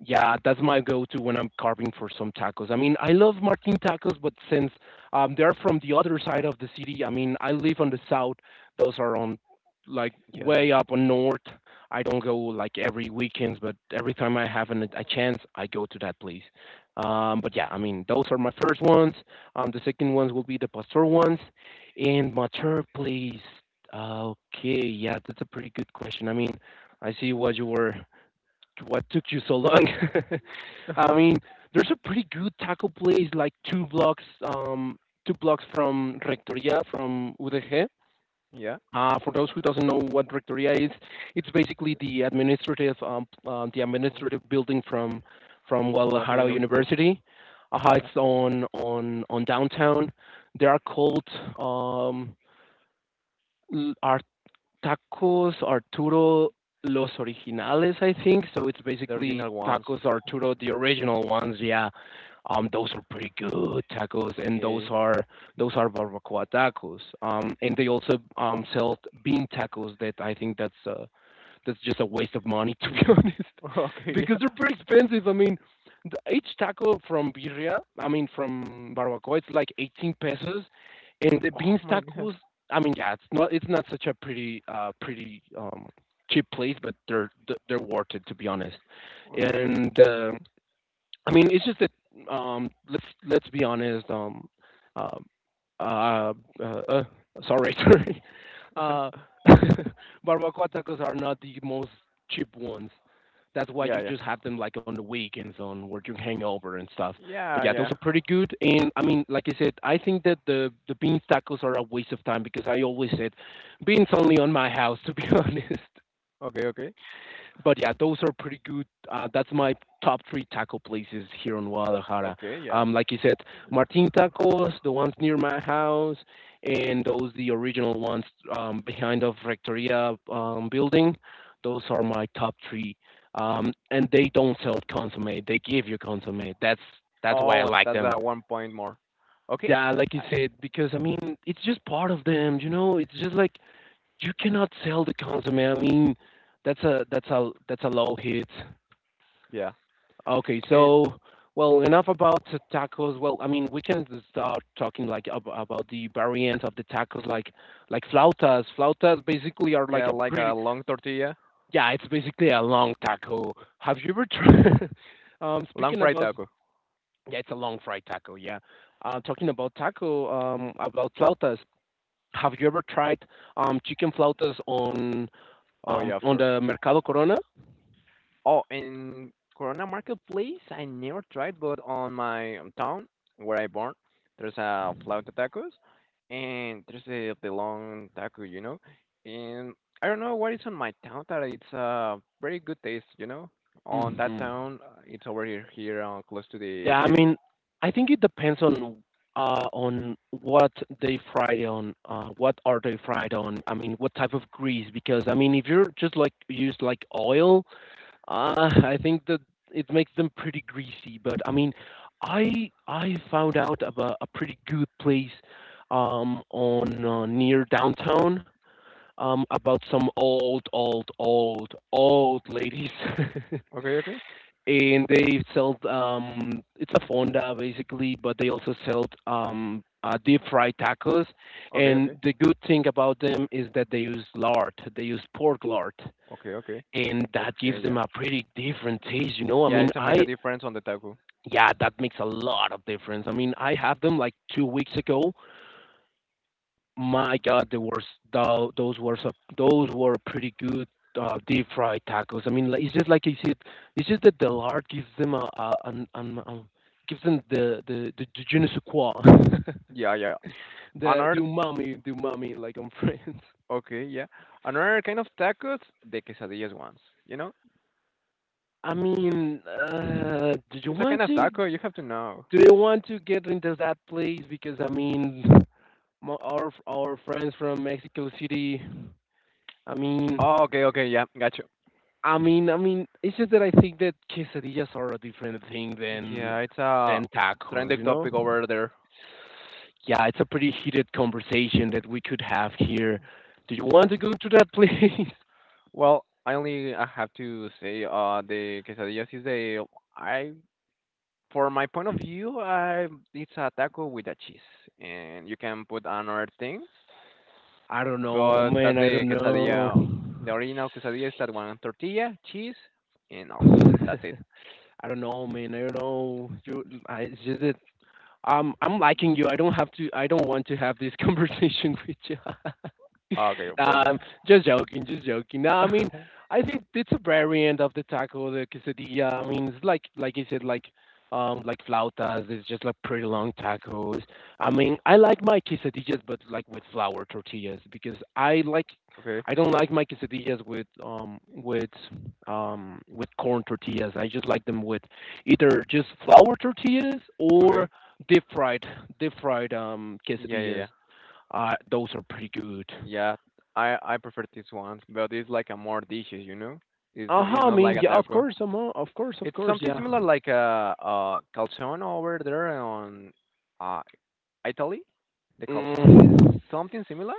S1: yeah, that's my go-to when I'm carving for some tacos. I mean, I love Martin tacos, but since, they're from the other side of the city. I mean, I live on the south. Those are on, like,
S2: Yeah.
S1: way up on north. I don't go like every weekends, but every time I have a chance, I go to that place. But yeah, I mean, those are my first ones. The second ones will be the pastor ones, and my third place. Okay, yeah, that's a pretty good question. I mean, I see what you were, what took you so long? I mean, there's a pretty good taco place like two blocks from Rectoria, from UDG.
S2: Yeah.
S1: For those who doesn't know what Rectoria is, it's basically the administrative,
S2: Uh,
S1: building from
S2: what
S1: Guadalajara
S2: university?
S1: University.
S2: Yeah.
S1: It's on downtown. They are called, um, are, Tacos Arturo Los Originales, I think. So it's
S2: The
S1: basically
S2: original ones.
S1: Tacos Arturo, the original ones. Yeah, those are pretty good tacos, and those
S2: Okay.
S1: are those are barbacoa tacos. And they also sell bean tacos that, I think, that's just a waste of money to be honest,
S2: Okay,
S1: because
S2: yeah.
S1: they're pretty expensive. I mean, each taco from birria, I mean from barbacoa, it's like 18 pesos, and the
S2: Oh
S1: beans
S2: my god.
S1: tacos. I mean, yeah, it's not such a pretty, cheap place, but they're worth it, to be honest.
S2: Okay, okay.
S1: And, I mean, it's just that, let's be honest. Um, uh, uh, uh, sorry, sorry. Uh, Barbacoa tacos are not the most cheap ones. That's why
S2: Yeah,
S1: you
S2: yeah.
S1: just have them like on the weekends, on where you hang over and stuff. But
S2: Yeah,
S1: yeah, those
S2: yeah.
S1: are pretty good. And I mean, like I said, I think that the beans tacos are a waste of time, because I always said beans only on my house, to be honest,
S2: Okay, okay.
S1: but yeah, those are pretty good. That's my top three taco places here in Guadalajara.
S2: Okay, yeah.
S1: Like you said, Martin Tacos, the ones near my house, and those the original ones, behind of Rectoria, building. Those are my top three. And they don't sell consomme; they give you consomme. That's why I
S2: Oh,
S1: like
S2: that's
S1: them.
S2: one point more. Okay.
S1: Yeah, like
S2: Uh,
S1: you said, because I mean, it's just part of them. You know, it's just like you cannot sell the consomme. I mean, that's a low hit.
S2: yeah.
S1: Okay,
S2: And
S1: so well, enough about the tacos. Well, I mean, we can start talking, like, ab about the variants of the tacos, like, flautas. Flautas basically are like
S2: yeah,
S1: a
S2: like a
S1: pretty,
S2: long tortilla,
S1: yeah, it's basically a long taco. Have you ever tried?
S2: long
S1: Speaking
S2: fried
S1: about,
S2: taco.
S1: yeah, it's a long fried taco. Yeah, talking about taco, about flautas. Have you ever tried, chicken flautas on
S2: Oh
S1: um
S2: yeah, of
S1: on
S2: course.
S1: the Mercado Corona?
S2: Oh, in Corona Marketplace, I never tried, but on my town where I born, there's a flauta tacos, and there's the long taco. And I don't know what is on my town that it's a very good taste. On that
S1: Hmm.
S2: town, it's over here, close to the
S1: Yeah, I
S2: city.
S1: mean, I think it depends on, what they fry on, what are they fried on? I mean, what type of grease? Because I mean, if you're just like use like oil, I think that it makes them pretty greasy. But I mean, I found out about a pretty good place, on near downtown, about some old, old, old, old ladies.
S2: Okay, okay,
S1: And they sell it's a fonda, basically, but they also sell deep fried tacos.
S2: okay,
S1: And
S2: okay,
S1: the good thing about them is that they use lard, they use pork lard,
S2: okay, okay,
S1: and that
S2: okay.
S1: gives
S2: Yeah,
S1: them a pretty different taste you know I
S2: yeah,
S1: mean
S2: it's a make a
S1: I
S2: difference on the taco.
S1: Yeah, that makes a lot of difference. I mean, I had them like 2 weeks ago. My God, they were those were some, those were pretty good deep fried tacos. I mean, like, it's just like you said, it's just that the lard gives them gives them the je ne sais quoi,
S2: Yeah, yeah. Another,
S1: the umami, like on Friends.
S2: okay, yeah. Another kind of tacos, the quesadillas ones, you know
S1: I mean, do you
S2: It's a kind
S1: want
S2: of
S1: to
S2: taco. You have to know.
S1: do you want to get into that place? Because I mean, our friends from Mexico City, I mean.
S2: Oh, okay, okay, yeah, got you.
S1: I mean, it's just that I think that quesadillas are a different thing
S2: Yeah, it's a
S1: than tacos,
S2: trending
S1: you know?
S2: topic over there.
S1: Yeah, it's a pretty heated conversation that we could have here. Do you want to go to that place?
S2: Well, I have to say, the quesadillas is a, I, for my point of view, I it's a taco with a cheese, and you can put another things,
S1: I don't know,
S2: but
S1: man.
S2: that's
S1: I
S2: the
S1: don't know.
S2: quesadilla. The original quesadilla is that one tortilla, cheese, and also that's it.
S1: I don't know, man. I don't know. It's just that I'm liking you. I don't have to. I don't want to have this conversation with you.
S2: Okay, perfect.
S1: um, just joking, just joking. No, I mean, I think it's a variant of the taco, the quesadilla. I mean, it's like you said, like flautas. It's just like pretty long tacos. I mean, I like my quesadillas, but like with flour tortillas because I like,
S2: Okay,
S1: I don't like my quesadillas with corn tortillas. I just like them with either just flour tortillas or
S2: okay,
S1: deep fried, deep fried
S2: yeah, yeah,
S1: quesadillas.
S2: yeah.
S1: Those are pretty good.
S2: Yeah, I prefer this one, but it's like a more dishes. It's
S1: Uh
S2: it's
S1: huh. I
S2: not like
S1: mean,
S2: a
S1: yeah, of
S2: taco.
S1: course, of course, of
S2: It's
S1: course,
S2: something
S1: yeah.
S2: similar like a calzone over there on uh Italy. The calzone is
S1: Mm,
S2: something similar.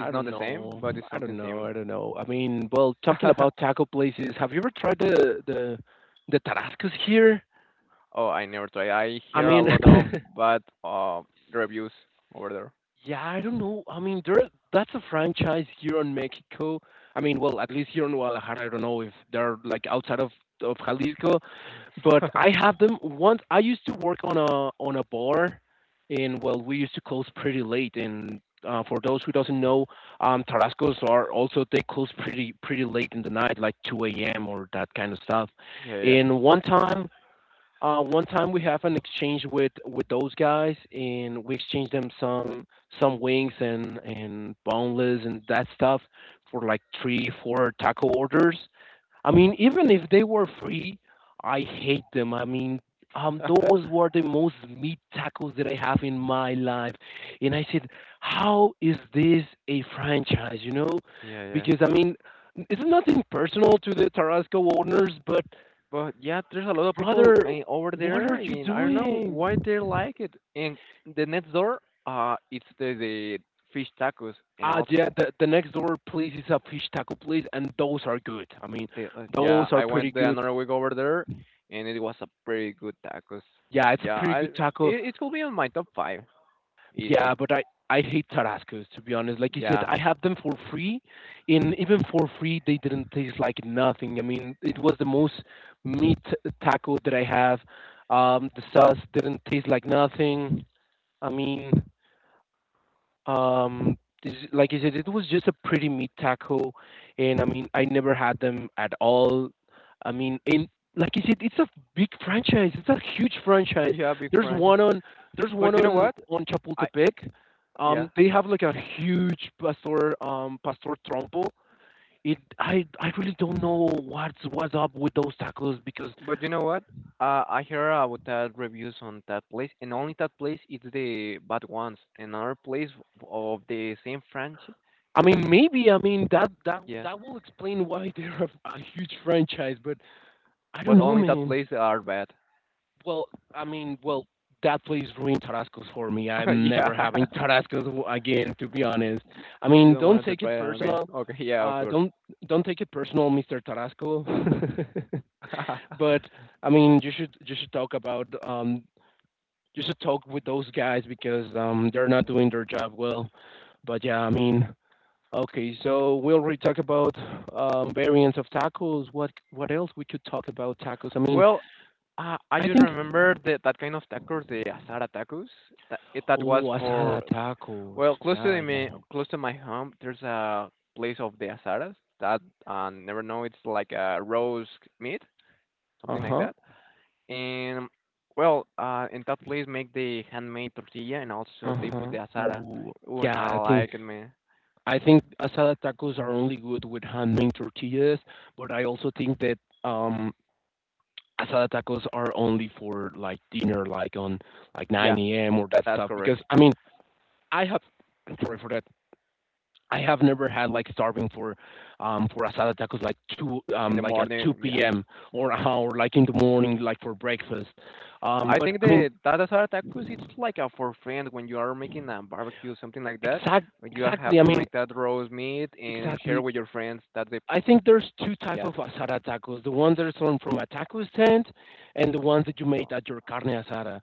S1: I
S2: not
S1: don't
S2: the same,
S1: know.
S2: but it's
S1: I don't
S2: something
S1: know. I
S2: similar.
S1: don't know. I mean, well, talking about taco places, have you ever tried the Tarascos here?
S2: Oh, I never tried. I
S1: I
S2: hear a
S1: mean,
S2: lot of bad reviews over
S1: yeah, I don't know. I mean, there that's a franchise here in Mexico. I mean, well, at least here in Guadalajara, I don't know if they're like outside of Jalisco, but
S2: there.
S1: I have them once. I used to work on a bar, and well, we used to close pretty late. And for those who doesn't know, Tarascos are also they close pretty pretty late in the night, like 2 a.m. or that kind of stuff.
S2: Yeah,
S1: And one time. One time we have an exchange with those guys, and we exchange them some wings and boneless and that stuff for like three, four taco orders. I mean, even if they were free, I hate them. I mean,
S2: yeah.
S1: those were the most meat tacos that I have in my life, and I said, how is this a franchise? You know,
S2: Yeah, yeah.
S1: because I mean. It's nothing personal to the Tarasco owners, but
S2: But yeah, there's a lot of people
S1: brother,
S2: over
S1: what
S2: there,
S1: are you
S2: and I don't know
S1: doing?
S2: why they like it. And the next door, it's the fish tacos, and also
S1: Yeah, the next door place is a fish taco place, and those are good. I mean,
S2: the
S1: those
S2: yeah,
S1: are
S2: I
S1: pretty
S2: went there
S1: good.
S2: another week over there, and it was a pretty good tacos.
S1: Yeah, it's a
S2: Yeah,
S1: pretty
S2: I
S1: good taco.
S2: it, it could be on my top five easily.
S1: Yeah, I hate Tarascos, to be honest. Like you said,
S2: Yeah,
S1: I have them for free, and even for free, they didn't taste like nothing. I mean, it was the most meat taco that I have. The sauce didn't taste like nothing. I mean, um, is like I said, it was just a pretty meat taco, and I mean, I never had them at all. I mean, in like I said, it's a big franchise. It's a huge franchise.
S2: yeah, big
S1: There's
S2: French.
S1: one on there's
S2: But
S1: one
S2: you know what?
S1: on
S2: I
S1: Chapultepec.
S2: yeah.
S1: They have like a huge pastor pastor trompo. It I really don't know what's up with those tacos because
S2: But you know what? I hear about that reviews on that place, and only that place is the bad ones. Another place of the same franchise,
S1: I
S2: the-
S1: mean maybe I mean
S2: yeah,
S1: that will explain why they're a huge franchise, but I
S2: but
S1: don't know,
S2: only that
S1: man.
S2: place are bad.
S1: Well, I mean, well, that place ruined Tarascos for me. I'm
S2: Yeah,
S1: never having Tarascos again, to be honest.
S2: Y-
S1: I
S2: you
S1: mean,
S2: don't
S1: don't
S2: want to
S1: take
S2: try
S1: it
S2: it again.
S1: personal.
S2: Okay, yeah, of
S1: Uh,
S2: course.
S1: don't don't take it personal, Mr. Tarasco. But I mean, you should talk about you should talk with those guys because they're not doing their job well. But yeah, I mean, okay, so we will re talk about variants of tacos. What else we could talk about tacos? I mean,
S2: Well, I
S1: I
S2: just
S1: think
S2: remember that kind of tacos, the asada tacos. That was
S1: oh,
S2: for
S1: asada tacos.
S2: well, close to
S1: Yeah, yeah.
S2: close to my home, there's a place of the asadas that I never know. It's like a roast meat, something like
S1: Uh-huh.
S2: that. And well, in that place make the handmade tortilla, and also they put
S1: Uh-huh.
S2: the asada.
S1: Ooh.
S2: When
S1: Yeah,
S2: I like it, man.
S1: I think asada tacos are only good with handmade tortillas, but I also think that um asada tacos are only for like dinner, like on like
S2: Yeah,
S1: 9 a.m. or that
S2: that's
S1: stuff.
S2: correct.
S1: Because I mean, I have sorry for that. I have never had like starving for asada tacos like two
S2: In the
S1: like at
S2: morning,
S1: 2
S2: yeah.
S1: p.m. Or like in the morning like for breakfast.
S2: I
S1: But
S2: think
S1: I mean
S2: the that asada tacos, it's like a for friend when you are making a barbecue, something like that.
S1: exact
S2: But you have
S1: exactly. I
S2: to
S1: mean.
S2: make that roast meat and share
S1: Exactly.
S2: with your friends. That's the
S1: I think there's two types
S2: yeah,
S1: of asada tacos: the ones that are sold from a taco stand, and the ones that you made at your carne asada.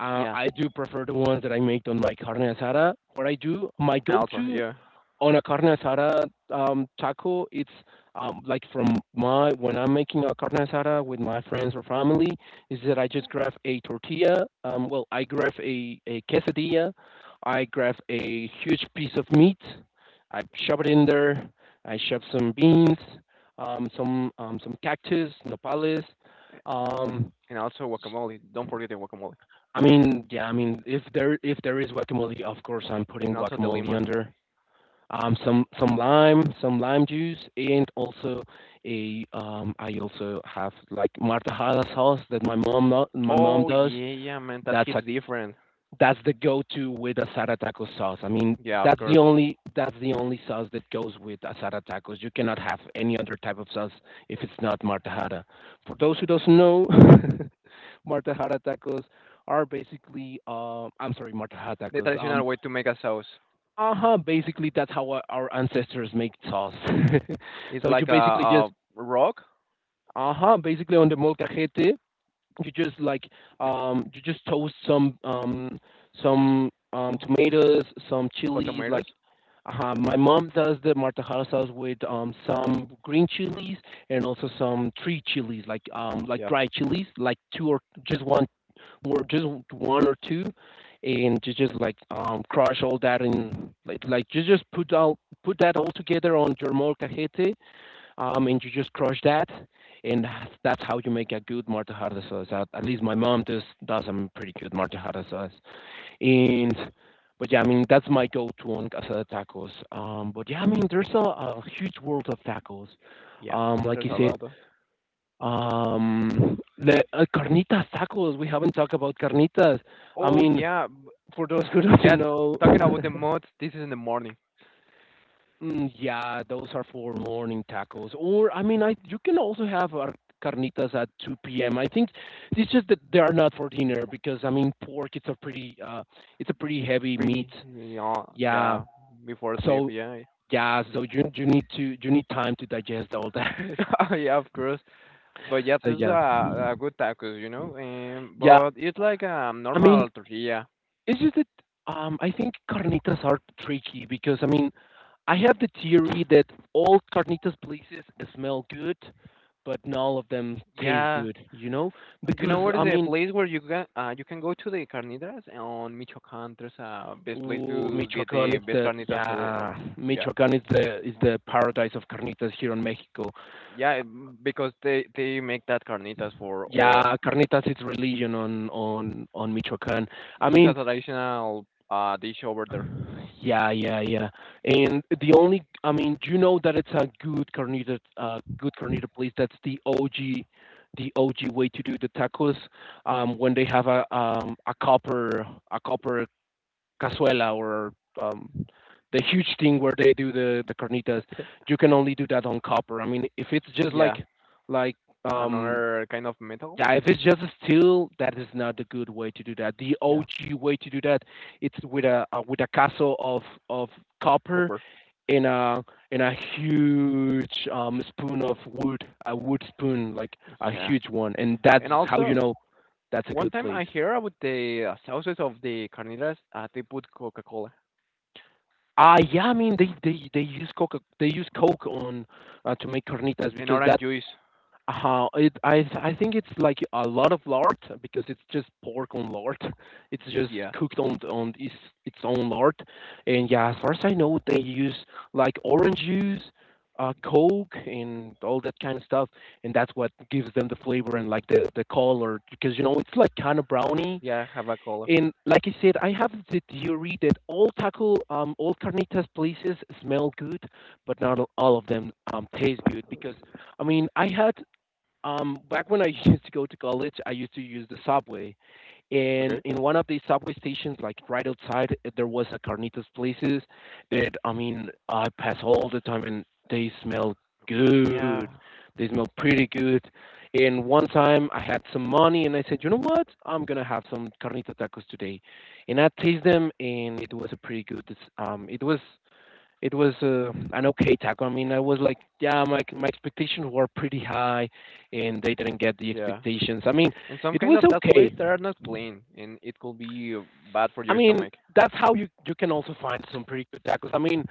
S2: yeah,
S1: I do prefer the ones that I make on my carne asada. What I do, my
S2: and also
S1: go-to
S2: yeah.
S1: on a carne asada taco, it's like from my when I'm making a carne asada with my friends or family, is that I just grab a tortilla. Well, I grab a quesadilla, I grab a huge piece of meat, I
S2: Y-
S1: shove it in there, I shove some beans, some cactus, nopales. Um,
S2: and also guacamole. Don't forget the guacamole.
S1: I mean, yeah, I mean, if there is guacamole, of course I'm
S2: And
S1: putting
S2: also the
S1: guacamole
S2: lemon.
S1: under some lime juice, and also a I also have like martajada sauce that my mom my mom
S2: Oh
S1: does.
S2: yeah, yeah, man, that
S1: That's
S2: hits
S1: a
S2: different.
S1: that's the go-to with asada taco sauce. I mean,
S2: Yeah, of course.
S1: that's the only sauce that goes with asada tacos. You cannot have any other type of sauce if it's not martajada. For those who doesn't know, martajada tacos are basically I'm sorry, martajada
S2: The
S1: tacos.
S2: traditional way to make a sauce.
S1: Uh-huh, basically that's how our ancestors make sauce.
S2: It's
S1: So you
S2: like a,
S1: basically just
S2: a rock,
S1: uh-huh, basically on the molcajete, you just like you just toast some tomatoes, some
S2: hot
S1: chilies like
S2: tomatoes.
S1: uh huh. My mom does the martajada sauce with some green chilies and also some tree chilies like
S2: Yeah,
S1: dry chilies, like two or just one or just one or two and just like crush all that in like just put all put that all together on your molcajete and you just crush that and that's how you make a good martajada sauce at least my mom does a pretty good martajada sauce and but yeah, I mean that's my go-to on asada tacos. But yeah, I mean there's a huge world of tacos.
S2: yeah.
S1: Like you
S2: There's a
S1: said,
S2: lot. Of.
S1: carnitas tacos. We haven't talked about carnitas. I
S2: Oh
S1: mean,
S2: yeah,
S1: for those who
S2: and
S1: doesn't
S2: yeah.
S1: know,
S2: Talking about the mods, this is in the morning.
S1: mm, yeah, those are for morning tacos. Or I mean, I you can also have our carnitas at 2 p.m. I think it's just that they are not for dinner because I mean, pork it's a pretty heavy meat.
S2: Pretty, yeah,
S1: Yeah,
S2: yeah, before sleep.
S1: so
S2: Yeah,
S1: yeah, so you need time to digest all that.
S2: yeah, of course. But yeah,
S1: So
S2: this is
S1: yeah,
S2: a good tacos.
S1: yeah.
S2: But it's like a
S1: I mean,
S2: normal tortilla.
S1: it's just that I think carnitas are tricky because I mean I have the theory that all carnitas places smell good, but not all of them taste
S2: Yeah,
S1: good. You know,
S2: you
S1: because
S2: know what
S1: I
S2: is a
S1: mean,
S2: place where you can go to the carnitas on Michoacan. There's a best place
S1: ooh,
S2: to get
S1: Michoacan
S2: the
S1: is
S2: best
S1: the
S2: carnitas. So
S1: yeah,
S2: oh, yeah,
S1: Michoacan is the paradise of carnitas here in Mexico.
S2: yeah, because they make that carnitas for all.
S1: Yeah, carnitas is religion on Michoacan. I
S2: This is a
S1: mean,
S2: traditional dish over there.
S1: yeah, yeah, yeah. And the only, I mean, you know that it's a good carnita place. That's the OG, the OG way to do the tacos. When they have a a copper cazuela or um the huge thing where they do the carnitas,
S2: Yeah,
S1: you can only do that on copper. I mean, if it's just
S2: yeah,
S1: like um
S2: another kind of metal.
S1: yeah, if it's just a steal, that is not the good way to do that. The
S2: Yeah,
S1: OG way to do that, it's with a castle of copper
S2: copper.
S1: and a huge spoon of wood, a wood spoon, like a
S2: Yeah,
S1: huge one, and that's
S2: and
S1: how you
S2: also
S1: know that's a
S2: one
S1: good
S2: time
S1: place.
S2: I hear about the sauces of the carnitas. They put Coca Cola
S1: Ah, yeah, I mean they use coca they use coke on to make carnitas
S2: and
S1: because
S2: orange
S1: that
S2: juice.
S1: how it I think it's like a lot of lard because it's just pork on lard. It's just
S2: Yeah,
S1: cooked on its own lard. And yeah, as far as I know, they use like orange juice, Coke, and all that kind of stuff. And that's what gives them the flavor and like the color because you know it's like kind of brownie.
S2: yeah, have a cola.
S1: And like I said, I have the theory that all taco all carnitas places smell good, but not all of them taste good because I mean I had back when I used to go to college, I used to use the subway, and
S2: Okay.
S1: in one of the subway stations, like right outside, there was a carnitas places that I mean I pass all the time, and they smell
S2: Yeah.
S1: good. They smell pretty good. And one time I had some money, and I said, you know what? I'm gonna have some carnita tacos today, and I taste them, and it was a pretty good. Um, it was it was an okay tackle. I mean, I was like, yeah, my expectations were pretty high, and they didn't get the
S2: Yeah.
S1: expectations. I mean,
S2: And some
S1: it
S2: kind
S1: was
S2: of that
S1: okay.
S2: place that are not clean and it could be bad for
S1: I
S2: your
S1: mean,
S2: stomach.
S1: that's how you can also find some pretty good tackles. I mean,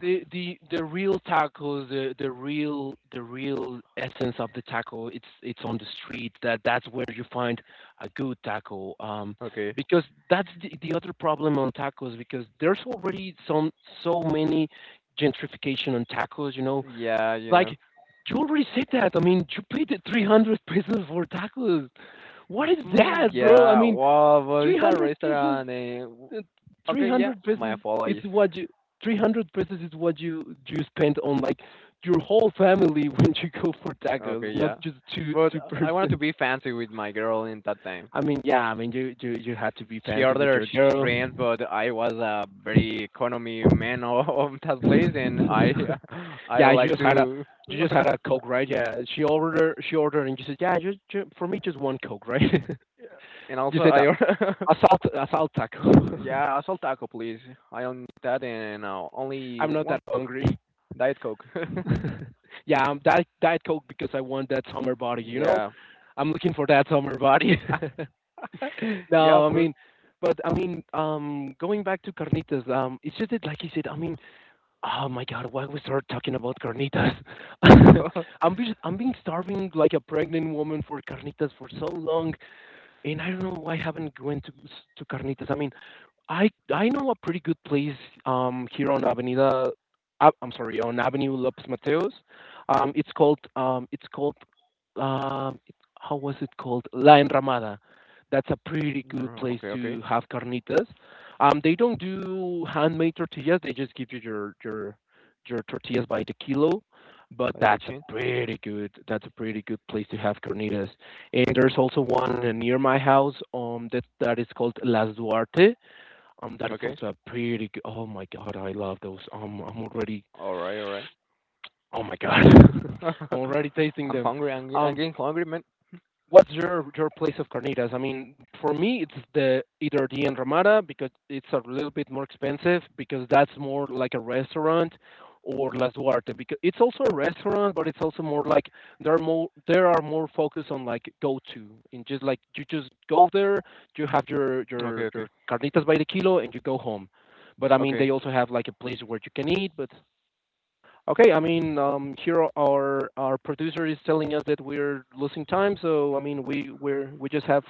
S1: the real tackles, the real essence of the tackle, it's on the street. That's where you find a good tackle.
S2: Okay.
S1: Because that's the other problem on tackles because there's already some so many gentrification on tackles, you know.
S2: Yeah, you
S1: Like,
S2: know.
S1: you already said that. I mean, you paid the 300 pesos for tacos. What is
S2: Mm,
S1: that, bro? I
S2: yeah,
S1: mean,
S2: well, but it's a
S1: 300 pesos,
S2: restaurant. W
S1: uh,
S2: okay, yeah,
S1: 300
S2: my
S1: pesos, it's
S2: apologies.
S1: what 300 pesos is what you spend on like your whole family when you go for
S2: Okay,
S1: tacos, not
S2: yeah.
S1: just
S2: But
S1: two
S2: I wanted to
S1: persons.
S2: be fancy with my girl in that time.
S1: I mean, yeah, I mean, you had to be
S2: She
S1: fancy with
S2: ordered
S1: your girl.
S2: drinks, but I was a very economy man of that place, and
S1: Yeah,
S2: I I
S1: you
S2: like
S1: just had a,
S2: to,
S1: you just had a coke, right? Yeah, she ordered, and you said, yeah, for me, just one coke, right?
S2: and
S1: You
S2: also
S1: said
S2: I order.
S1: a salt taco.
S2: Yeah, a salt taco, please. I only need that and only
S1: I'm not
S2: one
S1: that
S2: Coke,
S1: hungry.
S2: Diet Coke.
S1: Yeah, I'm Diet Coke because I want that summer body, you know?
S2: Yeah.
S1: I'm looking for that summer body.
S2: Yeah,
S1: No,
S2: of
S1: I
S2: course.
S1: mean going back to carnitas, it's just that, like you said, I mean, oh my God, why we start talking about carnitas? I'm being starving like a pregnant woman for carnitas for so long, and I don't know why I haven't went to carnitas. I mean, I know a pretty good place here on Avenida I'm sorry, on Avenue Lopez Mateos. Um it's called um it's called um it, how was it called? La Enramada. That's a pretty
S2: No,
S1: good
S2: no,
S1: place
S2: okay, okay.
S1: to have carnitas. They don't do handmade tortillas, they just give you your your tortillas by the kilo, but
S2: By the
S1: that's
S2: machine.
S1: a pretty good that's a pretty good place to have carnitas. And there's also one near my house that is called Las Duarte, that it's
S2: Okay.
S1: also a pretty good. Oh my god, I love those. I'm already.
S2: All right, all right.
S1: Oh my god, I'm already tasting
S2: I'm
S1: them.
S2: hungry. I'm
S1: Um,
S2: getting hungry, man.
S1: What's your place of carnitas? I mean, for me, it's the either the Enramada because it's a little bit more expensive because that's more like a restaurant, or Las Duarte because it's also a restaurant, but it's also more like there are more focused on like go to and just like you just go there, you have your
S2: Okay,
S1: your
S2: okay,
S1: your carnitas by the kilo and you go home. But I mean,
S2: okay.
S1: they also have like a place where you can eat. But Okay, I mean, here our producer is telling us that we're losing time, so I mean, we just have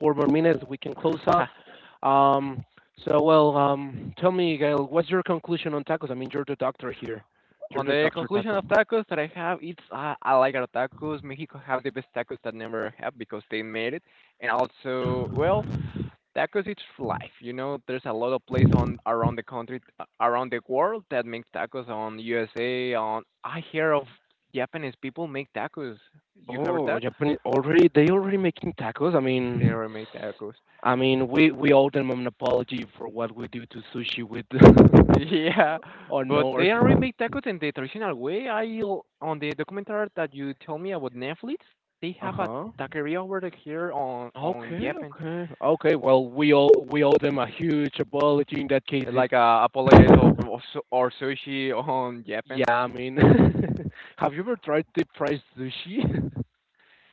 S1: four more minutes. We can close up. Um, so well, tell me, Gail, what's your conclusion on tacos? I mean, you're the doctor here. You're
S2: On
S1: the
S2: the
S1: doctor
S2: conclusion
S1: taco.
S2: of tacos that I have, it's I like our tacos. Mexico have the best tacos that never have because they made it, and also well, tacos it's life. You know, there's a lot of places on around the country, around the world that make tacos. On USA, on I hear of Japanese people make tacos. You heard
S1: Oh,
S2: that?
S1: Japan already they already making tacos. I
S2: They
S1: mean,
S2: already make tacos.
S1: we owe them an apology for what we do to sushi with
S2: Yeah,
S1: on
S2: but
S1: North.
S2: they already make tacos in the traditional way. On the documentary that you told me about Netflix, they
S1: Uh
S2: have a
S1: huh.
S2: taqueria over here on
S1: Okay,
S2: Japan,
S1: okay. Okay, well, we owe them a huge apology in that case if.
S2: like apologize of of or sushi on Japan.
S1: Yeah, I mean, have you ever tried deep fried sushi?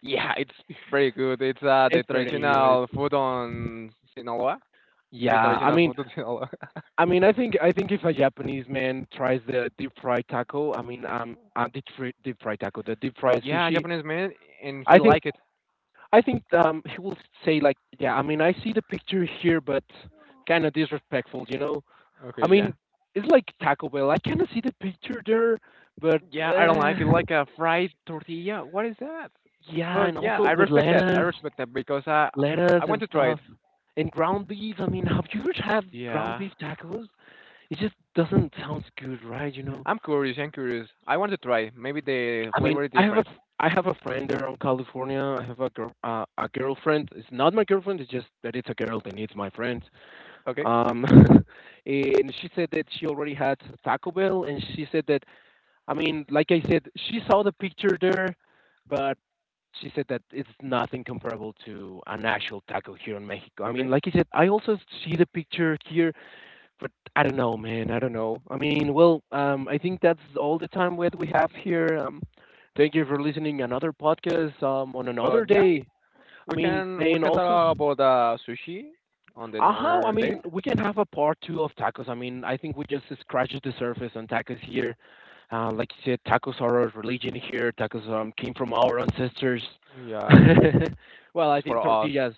S2: Yeah, it's very good. It's the
S1: It's pretty good.
S2: traditional food on Sinaloa. The
S1: Yeah, I
S2: traditional
S1: mean,
S2: food on Sinaloa.
S1: I mean, I think if a Japanese man tries the deep fried taco, I mean, deep fried taco, the deep fried
S2: Yeah,
S1: sushi,
S2: Japanese man, and
S1: I
S2: he
S1: think
S2: like it.
S1: I think he will say like, yeah, I mean, I see the picture here, but kind of disrespectful, you know? I
S2: Okay, yeah.
S1: mean, it's like Taco Bell. I kind of see the picture there, but
S2: Yeah, I don't like it.
S1: uh,
S2: Like a fried tortilla. What is that?
S1: yeah,
S2: But
S1: and
S2: yeah,
S1: also
S2: I
S1: with
S2: respect that. I
S1: lettuce,
S2: respect that because I
S1: lettuce
S2: want
S1: and
S2: to try it.
S1: stuff, and ground beef. I mean, have you ever had ground
S2: Yeah,
S1: beef tacos? It just doesn't sound good, right? You know.
S2: I'm curious. I'm curious. I want to try. Maybe the
S1: I mean,
S2: flavor is different.
S1: I have a friend there in California. I have a girl a girlfriend. It's not my girlfriend. It's just that it's a girl and it's my friend.
S2: Okay,
S1: Um, and she said that she already had Taco Bell, and she said that I mean, like I said, she saw the picture there, but she said that it's nothing comparable to an actual taco here in Mexico. I mean,
S2: okay.
S1: like I said, I also see the picture here, but I don't know, man. I don't know. I mean, well, I think that's all the time what we have here. Thank you for listening another podcast on another
S2: But yeah,
S1: day. I
S2: we
S1: mean,
S2: can we
S1: and
S2: can
S1: also,
S2: talk about sushi on the
S1: I
S2: another day.
S1: mean, we can have a part two of tacos. I mean, I think we just scratched the surface on tacos here. Like you said, tacos are our religion here. Tacos came from our ancestors.
S2: Yeah,
S1: Well, I
S2: it's for
S1: think
S2: us.
S1: tortillas,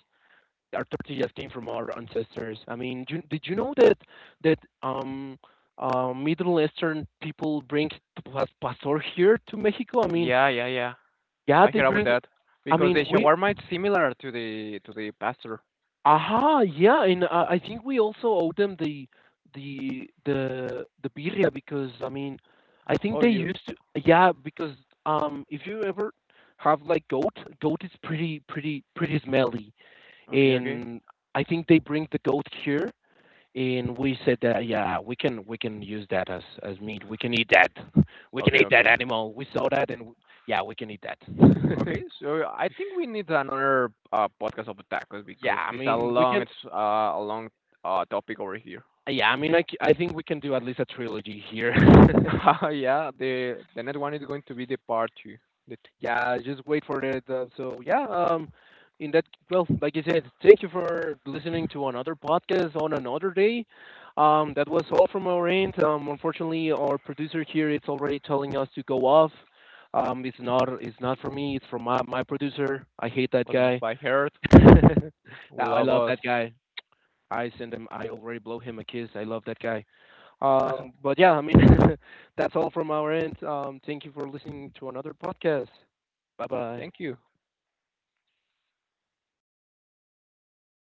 S1: our tortillas came from our ancestors. I mean, did you know that that um, Middle Eastern people bring pastor here to Mexico? I mean,
S2: Yeah, yeah, yeah.
S1: yeah,
S2: I
S1: they
S2: heard about
S1: bring.
S2: that
S1: I
S2: because the
S1: mean, we
S2: shawarma is similar to the pastor.
S1: Aha, yeah, and I think we also owe them the birria because I mean, I think
S2: Oh,
S1: they
S2: you
S1: used to yeah because if you ever have like goat, goat is pretty pretty smelly,
S2: okay? Okay,
S1: and I think they bring the goat here, and we said that yeah we can use that as meat. We can eat that. We can
S2: okay,
S1: eat that
S2: okay,
S1: animal. We saw that, and w- yeah, we can eat that.
S2: okay. So I think we need another podcast of tacos
S1: Yeah,
S2: because
S1: I
S2: this is a
S1: mean we
S2: long
S1: can.
S2: it's uh, a long uh topic over here.
S1: Yeah, I mean, I, c- I think we can do at least a trilogy here.
S2: Yeah, the next one is going to be the part two. The,
S1: Yeah, just wait for it. So yeah, like you said, thank you for listening to another podcast on another day. That was all from our end. Unfortunately, our producer here is already telling us to go off. It's not from me. It's from my producer. I hate that
S2: what
S1: guy.
S2: by heart, we
S1: Now I
S2: love
S1: love
S2: us.
S1: that guy. I send him. I already blow him a kiss. I love that guy. But yeah, I mean, that's all from our end. Thank you for listening to another podcast. Bye bye.
S2: Thank you.